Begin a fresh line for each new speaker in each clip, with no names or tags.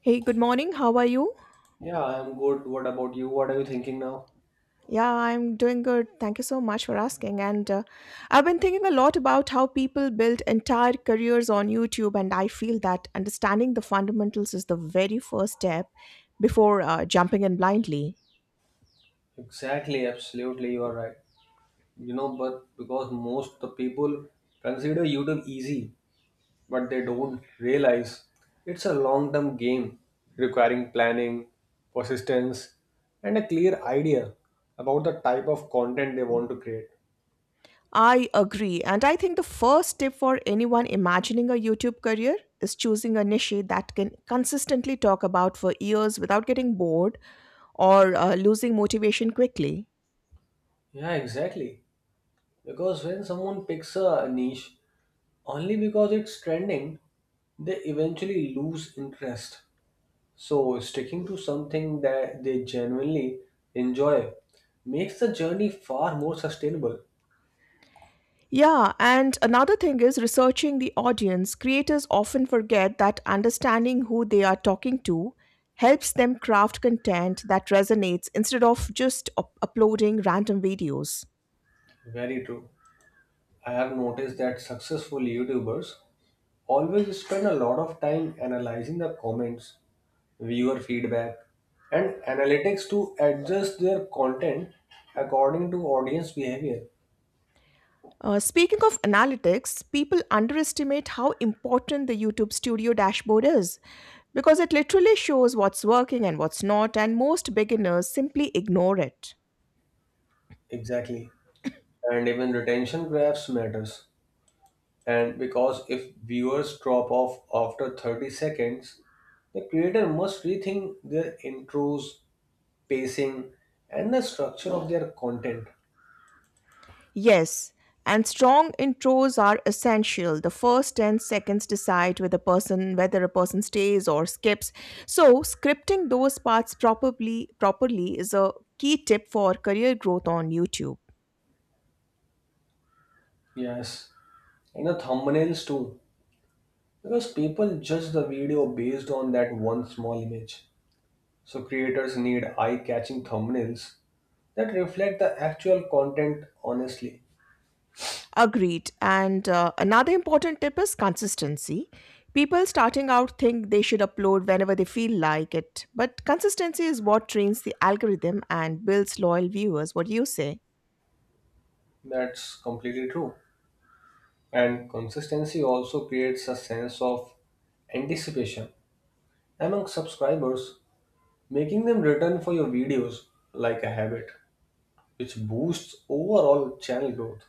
Hey, good morning. How are you?
Yeah, I'm good. What about you? What are you thinking now?
Yeah, I'm doing good. Thank you so much for asking. And I've been thinking a lot about how people build entire careers on YouTube, and I feel that understanding the fundamentals is the very first step before jumping in blindly.
Exactly, absolutely, you are right. You know, but because most the people consider YouTube easy, but they don't realize it's a long-term game requiring planning, persistence, and a clear idea about the type of content they want to create.
I agree. And I think the first step for anyone imagining a YouTube career is choosing a niche that can consistently talk about for years without getting bored or losing motivation quickly.
Yeah, exactly. Because when someone picks a niche, only because it's trending, they eventually lose interest. So, sticking to something that they genuinely enjoy makes the journey far more sustainable.
Yeah, and another thing is researching the audience. Creators often forget that understanding who they are talking to helps them craft content that resonates instead of just uploading random videos.
Very true. I have noticed that successful YouTubers always spend a lot of time analyzing the comments, viewer feedback, and analytics to adjust their content according to audience behavior.
Speaking of analytics, people underestimate how important the YouTube Studio dashboard is because it literally shows what's working and what's not, and most beginners simply ignore it.
Exactly. And even retention graphs matters. And because if viewers drop off after 30 seconds, the creator must rethink their intros, pacing, and the structure of their content.
Yes, and strong intros are essential. The first 10 seconds decide whether a person stays or skips. So, scripting those parts properly is a key tip for career growth on YouTube.
Yes. And the thumbnails too, because people judge the video based on that one small image. So creators need eye-catching thumbnails that reflect the actual content honestly.
Agreed. And Another important tip is consistency. People starting out think they should upload whenever they feel like it, but consistency is what trains the algorithm and builds loyal viewers. What do you say?
That's completely true. And consistency also creates a sense of anticipation among subscribers, making them return for your videos like a habit, which boosts overall channel growth.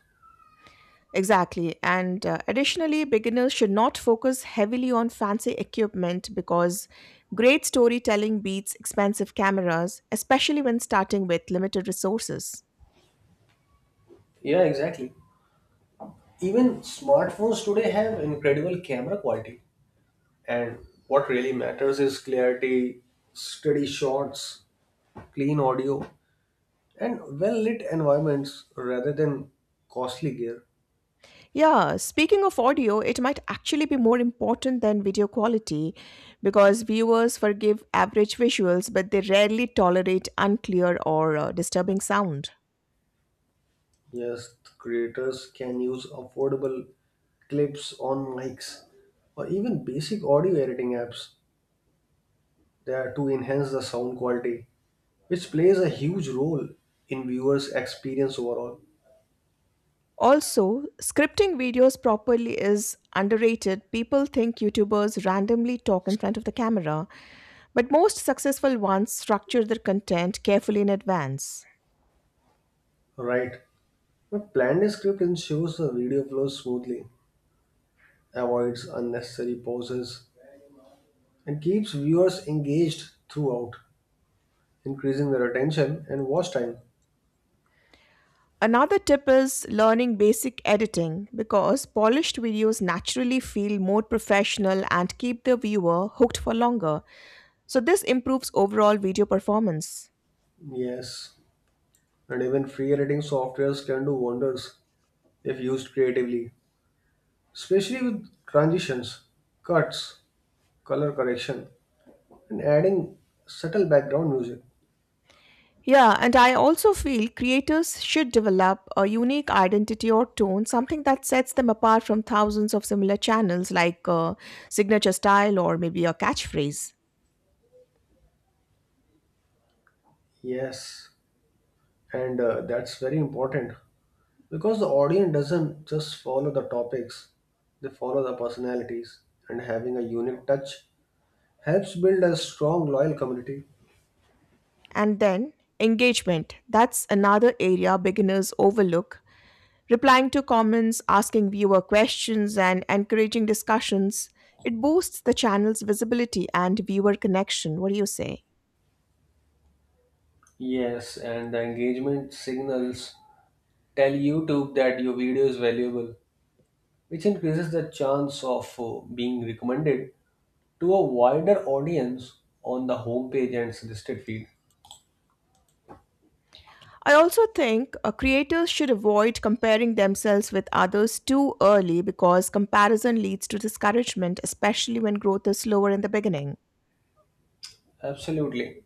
Exactly. And Additionally, beginners should not focus heavily on fancy equipment because great storytelling beats expensive cameras, especially when starting with limited resources.
Yeah, exactly. Even smartphones today have incredible camera quality, and what really matters is clarity, steady shots, clean audio, and well lit environments rather than costly gear.
Yeah, speaking of audio, it might actually be more important than video quality because viewers forgive average visuals, but they rarely tolerate unclear or disturbing sound.
Yes, creators can use affordable clips on mics or even basic audio editing apps there to enhance the sound quality, which plays a huge role in viewers' experience overall.
Also, scripting videos properly is underrated. People think YouTubers randomly talk in front of the camera, but most successful ones structure their content carefully in advance.
Right. A planned script ensures the video flows smoothly, avoids unnecessary pauses, and keeps viewers engaged throughout, increasing their attention and watch time.
Another tip is learning basic editing because polished videos naturally feel more professional and keep the viewer hooked for longer. So, this improves overall video performance.
Yes, and even free editing softwares can do wonders if used creatively, especially with transitions, cuts, color correction, and adding subtle background music.
Yeah, and I also feel creators should develop a unique identity or tone, something that sets them apart from thousands of similar channels like a signature style or maybe a catchphrase.
Yes, and that's very important because the audience doesn't just follow the topics, they follow the personalities, and having a unique touch helps build a strong loyal community.
And then engagement. That's another area beginners overlook. Replying to comments, asking viewer questions, and encouraging discussions, it boosts the channel's visibility and viewer connection. What do you say?
Yes, and the engagement signals tell YouTube that your video is valuable, which increases the chance of being recommended to a wider audience on the homepage and suggested feed.
I also think creators should avoid comparing themselves with others too early because comparison leads to discouragement, especially when growth is slower in the beginning.
Absolutely,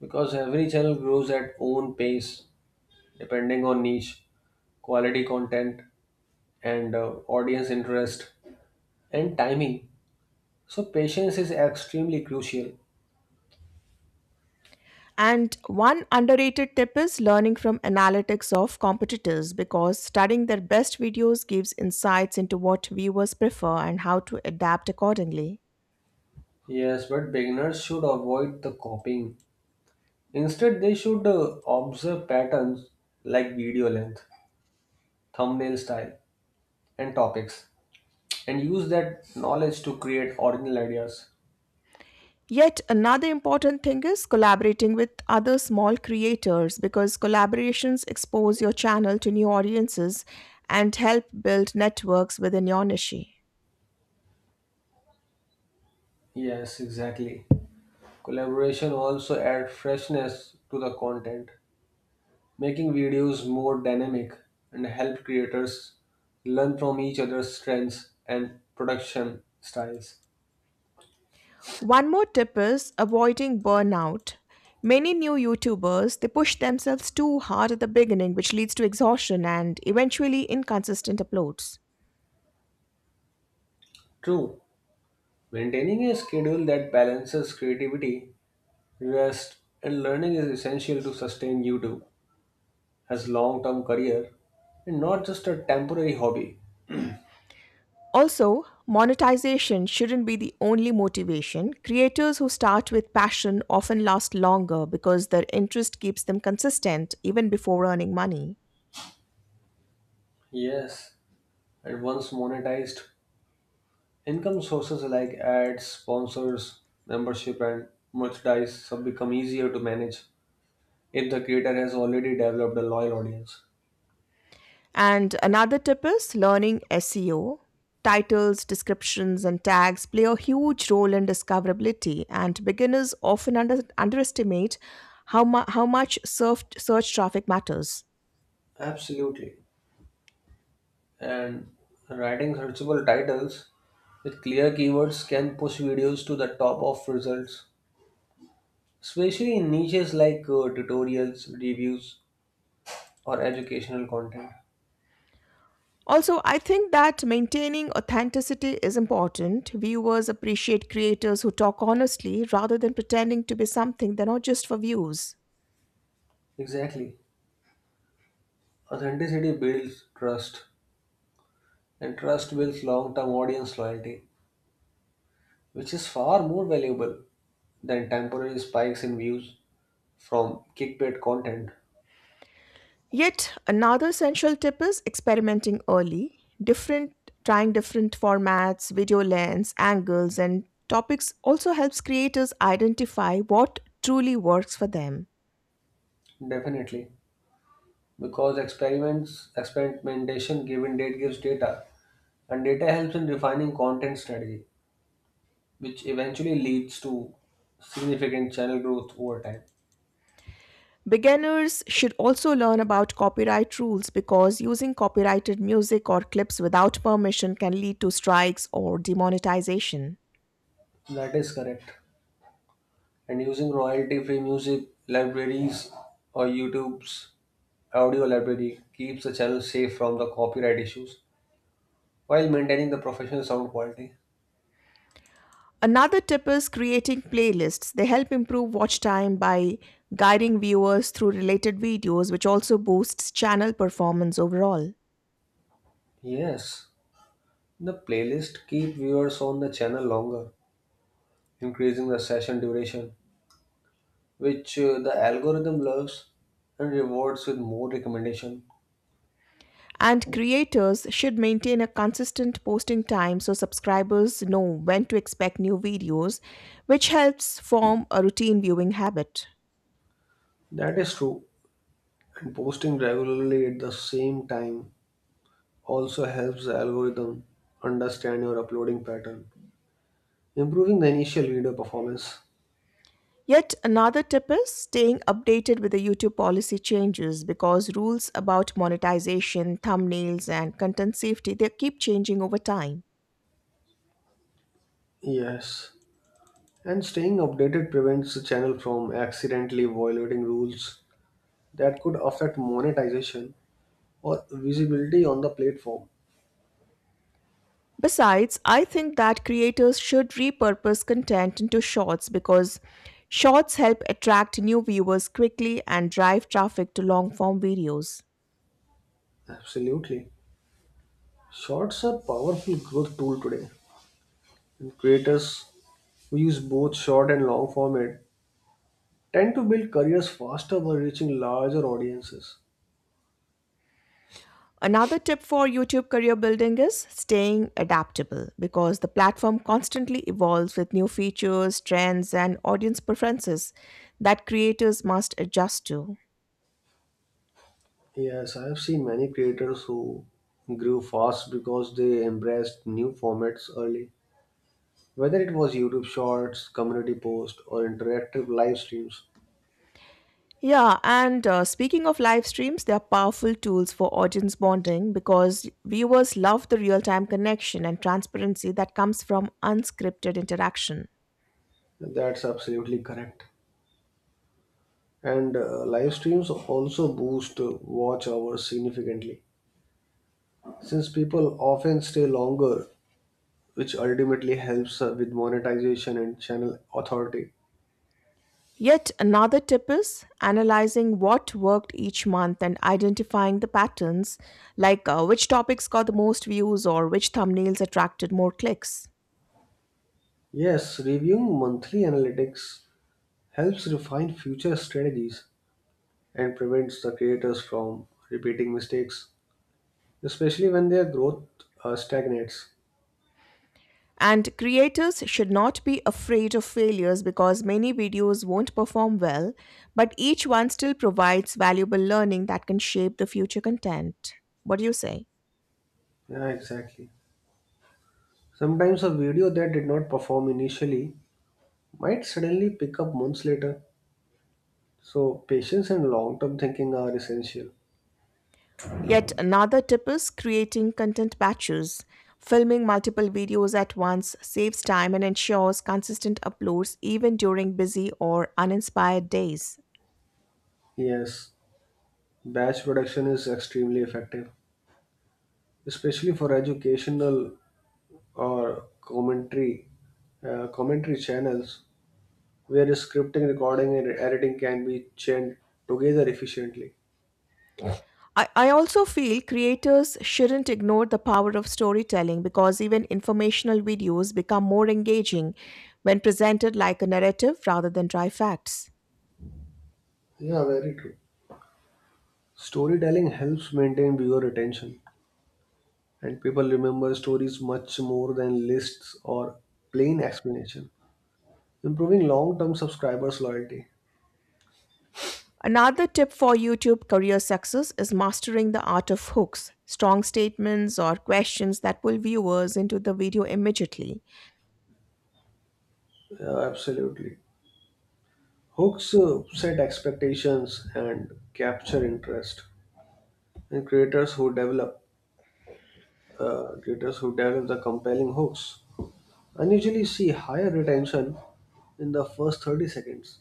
because every channel grows at own pace depending on niche, quality content, and audience interest and timing. So, patience is extremely crucial.
And one underrated tip is learning from analytics of competitors because studying their best videos gives insights into what viewers prefer and how to adapt accordingly.
Yes, but beginners should avoid the copying. Instead, they should observe patterns like video length, thumbnail style, and topics, and use that knowledge to create original ideas.
Yet another important thing is collaborating with other small creators because collaborations expose your channel to new audiences and help build networks within your niche.
Yes, exactly. Collaboration also adds freshness to the content, making videos more dynamic and help creators learn from each other's strengths and production styles.
One more tip is avoiding burnout. Many new YouTubers, they push themselves too hard at the beginning, which leads to exhaustion and eventually inconsistent uploads.
True, maintaining a schedule that balances creativity, rest, and learning is essential to sustain YouTube as long-term career and not just a temporary hobby.
Also, monetization shouldn't be the only motivation. Creators who start with passion often last longer because their interest keeps them consistent even before earning money.
Yes, and once monetized, income sources like ads, sponsors, membership, and merchandise have become easier to manage if the creator has already developed a loyal audience.
And another tip is learning SEO. Titles, descriptions, and tags play a huge role in discoverability, and beginners often underestimate how much search traffic matters.
Absolutely. And writing searchable titles with clear keywords can push videos to the top of results, especially in niches like tutorials, reviews, or educational content.
Also, I think that maintaining authenticity is important. Viewers appreciate creators who talk honestly rather than pretending to be something they're not just for views.
Exactly. Authenticity builds trust, and trust builds long term audience loyalty, which is far more valuable than temporary spikes in views from clickbait content.
Yet another essential tip is experimenting early. Different Trying different formats, video lens, angles and topics also helps creators identify what truly works for them.
Definitely. Because experiments experimentation given date gives data, and data helps in refining content strategy, which eventually leads to significant channel growth over time.
Beginners should also learn about copyright rules because using copyrighted music or clips without permission can lead to strikes or demonetization.
That is correct. And using royalty free music libraries or YouTube's audio library keeps the channel safe from the copyright issues while maintaining the professional sound quality.
Another tip is creating playlists. They help improve watch time by guiding viewers through related videos, which also boosts channel performance overall.
Yes, the playlist keep viewers on the channel longer, increasing the session duration, which the algorithm loves and rewards with more recommendation.
And creators should maintain a consistent posting time so subscribers know when to expect new videos, which helps form a routine viewing habit.
That is true. And posting regularly at the same time also helps the algorithm understand your uploading pattern, improving the initial video performance.
Yet another tip is staying updated with the YouTube policy changes because rules about monetization, thumbnails and content safety they keep changing over time.
Yes. And staying updated prevents the channel from accidentally violating rules that could affect monetization or visibility on the platform.
Besides, I think that creators should repurpose content into shorts because shorts help attract new viewers quickly and drive traffic to long form videos.
Absolutely. Shorts are powerful growth tool today. And creators who use both short and long format tend to build careers faster by reaching larger audiences.
Another tip for YouTube career building is staying adaptable because the platform constantly evolves with new features, trends, and audience preferences that creators must adjust to.
Yes, I have seen many creators who grew fast because they embraced new formats early, whether it was YouTube Shorts, community posts, or interactive live streams.
Yeah, and Speaking of live streams, they are powerful tools for audience bonding because viewers love the real time connection and transparency that comes from unscripted interaction.
That's absolutely correct. And live streams also boost watch hours significantly, since people often stay longer, which ultimately helps with monetization and channel authority.
Yet another tip is analyzing what worked each month and identifying the patterns, like which topics got the most views or which thumbnails attracted more clicks.
Yes, reviewing monthly analytics helps refine future strategies and prevents the creators from repeating mistakes, especially when their growth stagnates.
And creators should not be afraid of failures because many videos won't perform well, but each one still provides valuable learning that can shape the future content. What do you say?
Yeah, exactly. Sometimes a video that did not perform initially might suddenly pick up months later, so patience and long term thinking are essential.
Yet another tip is creating content batches. Filming multiple videos at once saves time and ensures consistent uploads even during busy or uninspired days.
Yes, batch production is extremely effective, especially for educational or commentary channels where scripting, recording, and editing can be chained together efficiently.
I also feel creators shouldn't ignore the power of storytelling because even informational videos become more engaging when presented like a narrative rather than dry facts.
Yeah, very true. Storytelling helps maintain viewer attention, and people remember stories much more than lists or plain explanation, improving long term subscribers' loyalty.
Another tip for YouTube career success is mastering the art of hooks, strong statements, or questions that pull viewers into the video immediately.
Yeah, absolutely. Hooks set expectations and capture interest, and creators who develop the compelling hooks unusually see higher retention in the first 30 seconds.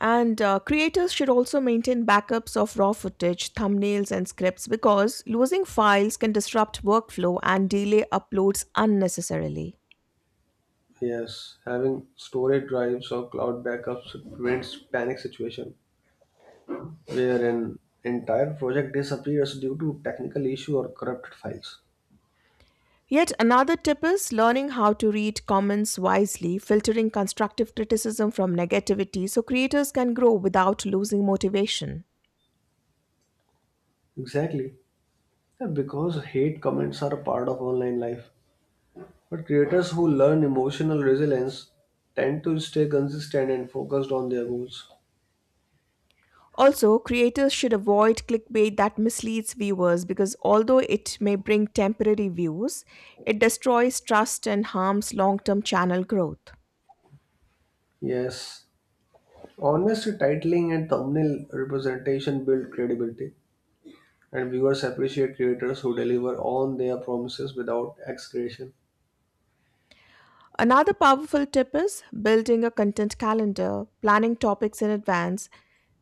And Creators should also maintain backups of raw footage, thumbnails, and scripts because losing files can disrupt workflow and delay uploads unnecessarily.
Yes, having storage drives or cloud backups prevents panic situation where an entire project disappears due to technical issue or corrupted files.
Yet another tip is learning how to read comments wisely, filtering constructive criticism from negativity so creators can grow without losing motivation.
Exactly. And because hate comments are a part of online life. But creators who learn emotional resilience tend to stay consistent and focused on their goals.
Also, creators should avoid clickbait that misleads viewers because although it may bring temporary views, it destroys trust and harms long term channel growth.
Yes. Honest titling and thumbnail representation build credibility, and viewers appreciate creators who deliver on their promises without exaggeration.
Another powerful tip is building a content calendar, planning topics in advance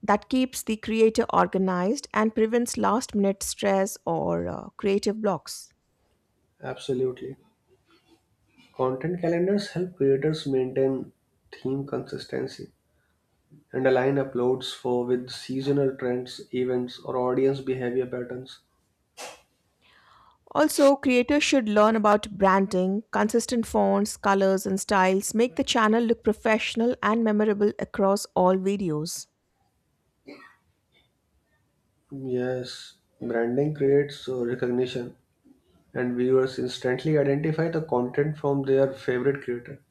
that keeps the creator organized and prevents last minute stress or creative blocks.
Absolutely. Content calendars help creators maintain theme consistency and align uploads for with seasonal trends, events, or audience behavior patterns.
Also, creators should learn about branding. Consistent fonts, colors, and styles make the channel look professional and memorable across all videos.
Yes, branding creates recognition, and viewers instantly identify the content from their favorite creator,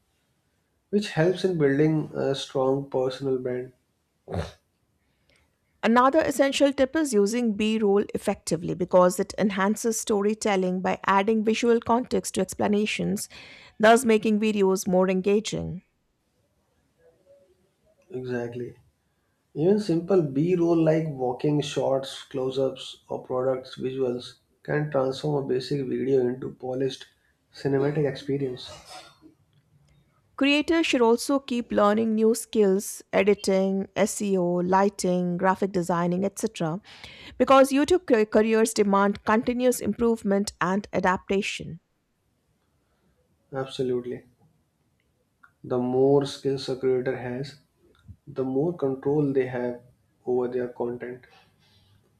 which helps in building a strong personal brand.
Another essential tip is using B roll effectively because it enhances storytelling by adding visual context to explanations, thus making videos more engaging.
Exactly. Even simple B roll like walking shots, close ups, or products visuals can transform a basic video into polished cinematic experience.
Creators should also keep learning new skills, editing, SEO, lighting, graphic designing, etc., because YouTube careers demand continuous improvement and adaptation.
Absolutely. The more skills a creator has, the more control they have over their content,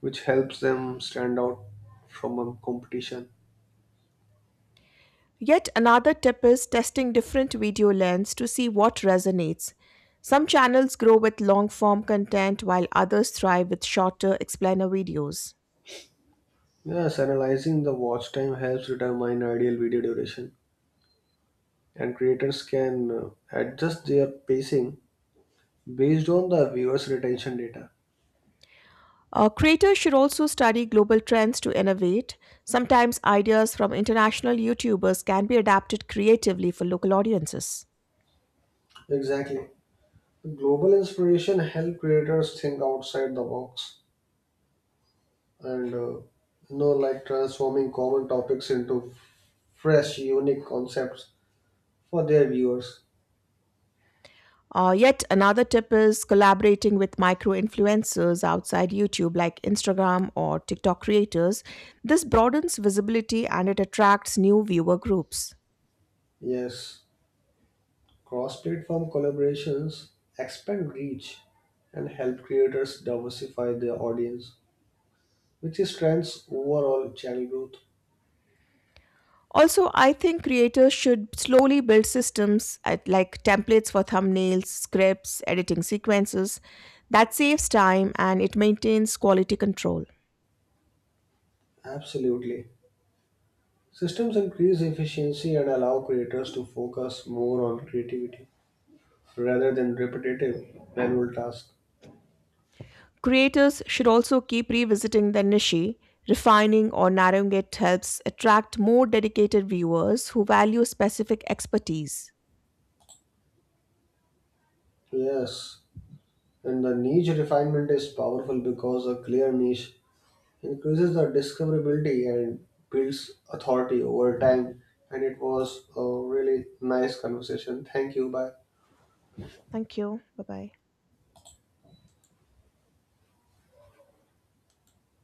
which helps them stand out from a competition.
Yet another tip is testing different video lens to see what resonates. Some channels grow with long form content while others thrive with shorter explainer videos.
Yes, analyzing the watch time helps determine ideal video duration, and creators can adjust their pacing based on the viewers' retention data.
Creators should also study global trends to innovate. Sometimes ideas from international YouTubers can be adapted creatively for local audiences.
Exactly. Global inspiration help creators think outside the box and like transforming common topics into fresh, unique concepts for their viewers.
Yet another tip is collaborating with micro influencers outside YouTube, like Instagram or TikTok creators. This broadens visibility and it attracts new viewer groups.
Yes, cross-platform collaborations expand reach and help creators diversify their audience, which strengthens overall channel growth.
Also, I think creators should slowly build systems like templates for thumbnails, scripts, editing sequences. That saves time and it maintains quality control.
Absolutely. Systems increase efficiency and allow creators to focus more on creativity rather than repetitive manual tasks.
Creators should also keep revisiting their niche, refining or narrowing it helps attract more dedicated viewers who value specific expertise.
Yes, and the niche refinement is powerful because a clear niche increases the discoverability and builds authority over time. And it was a really nice conversation. Thank you. Bye.
Thank you. Bye bye.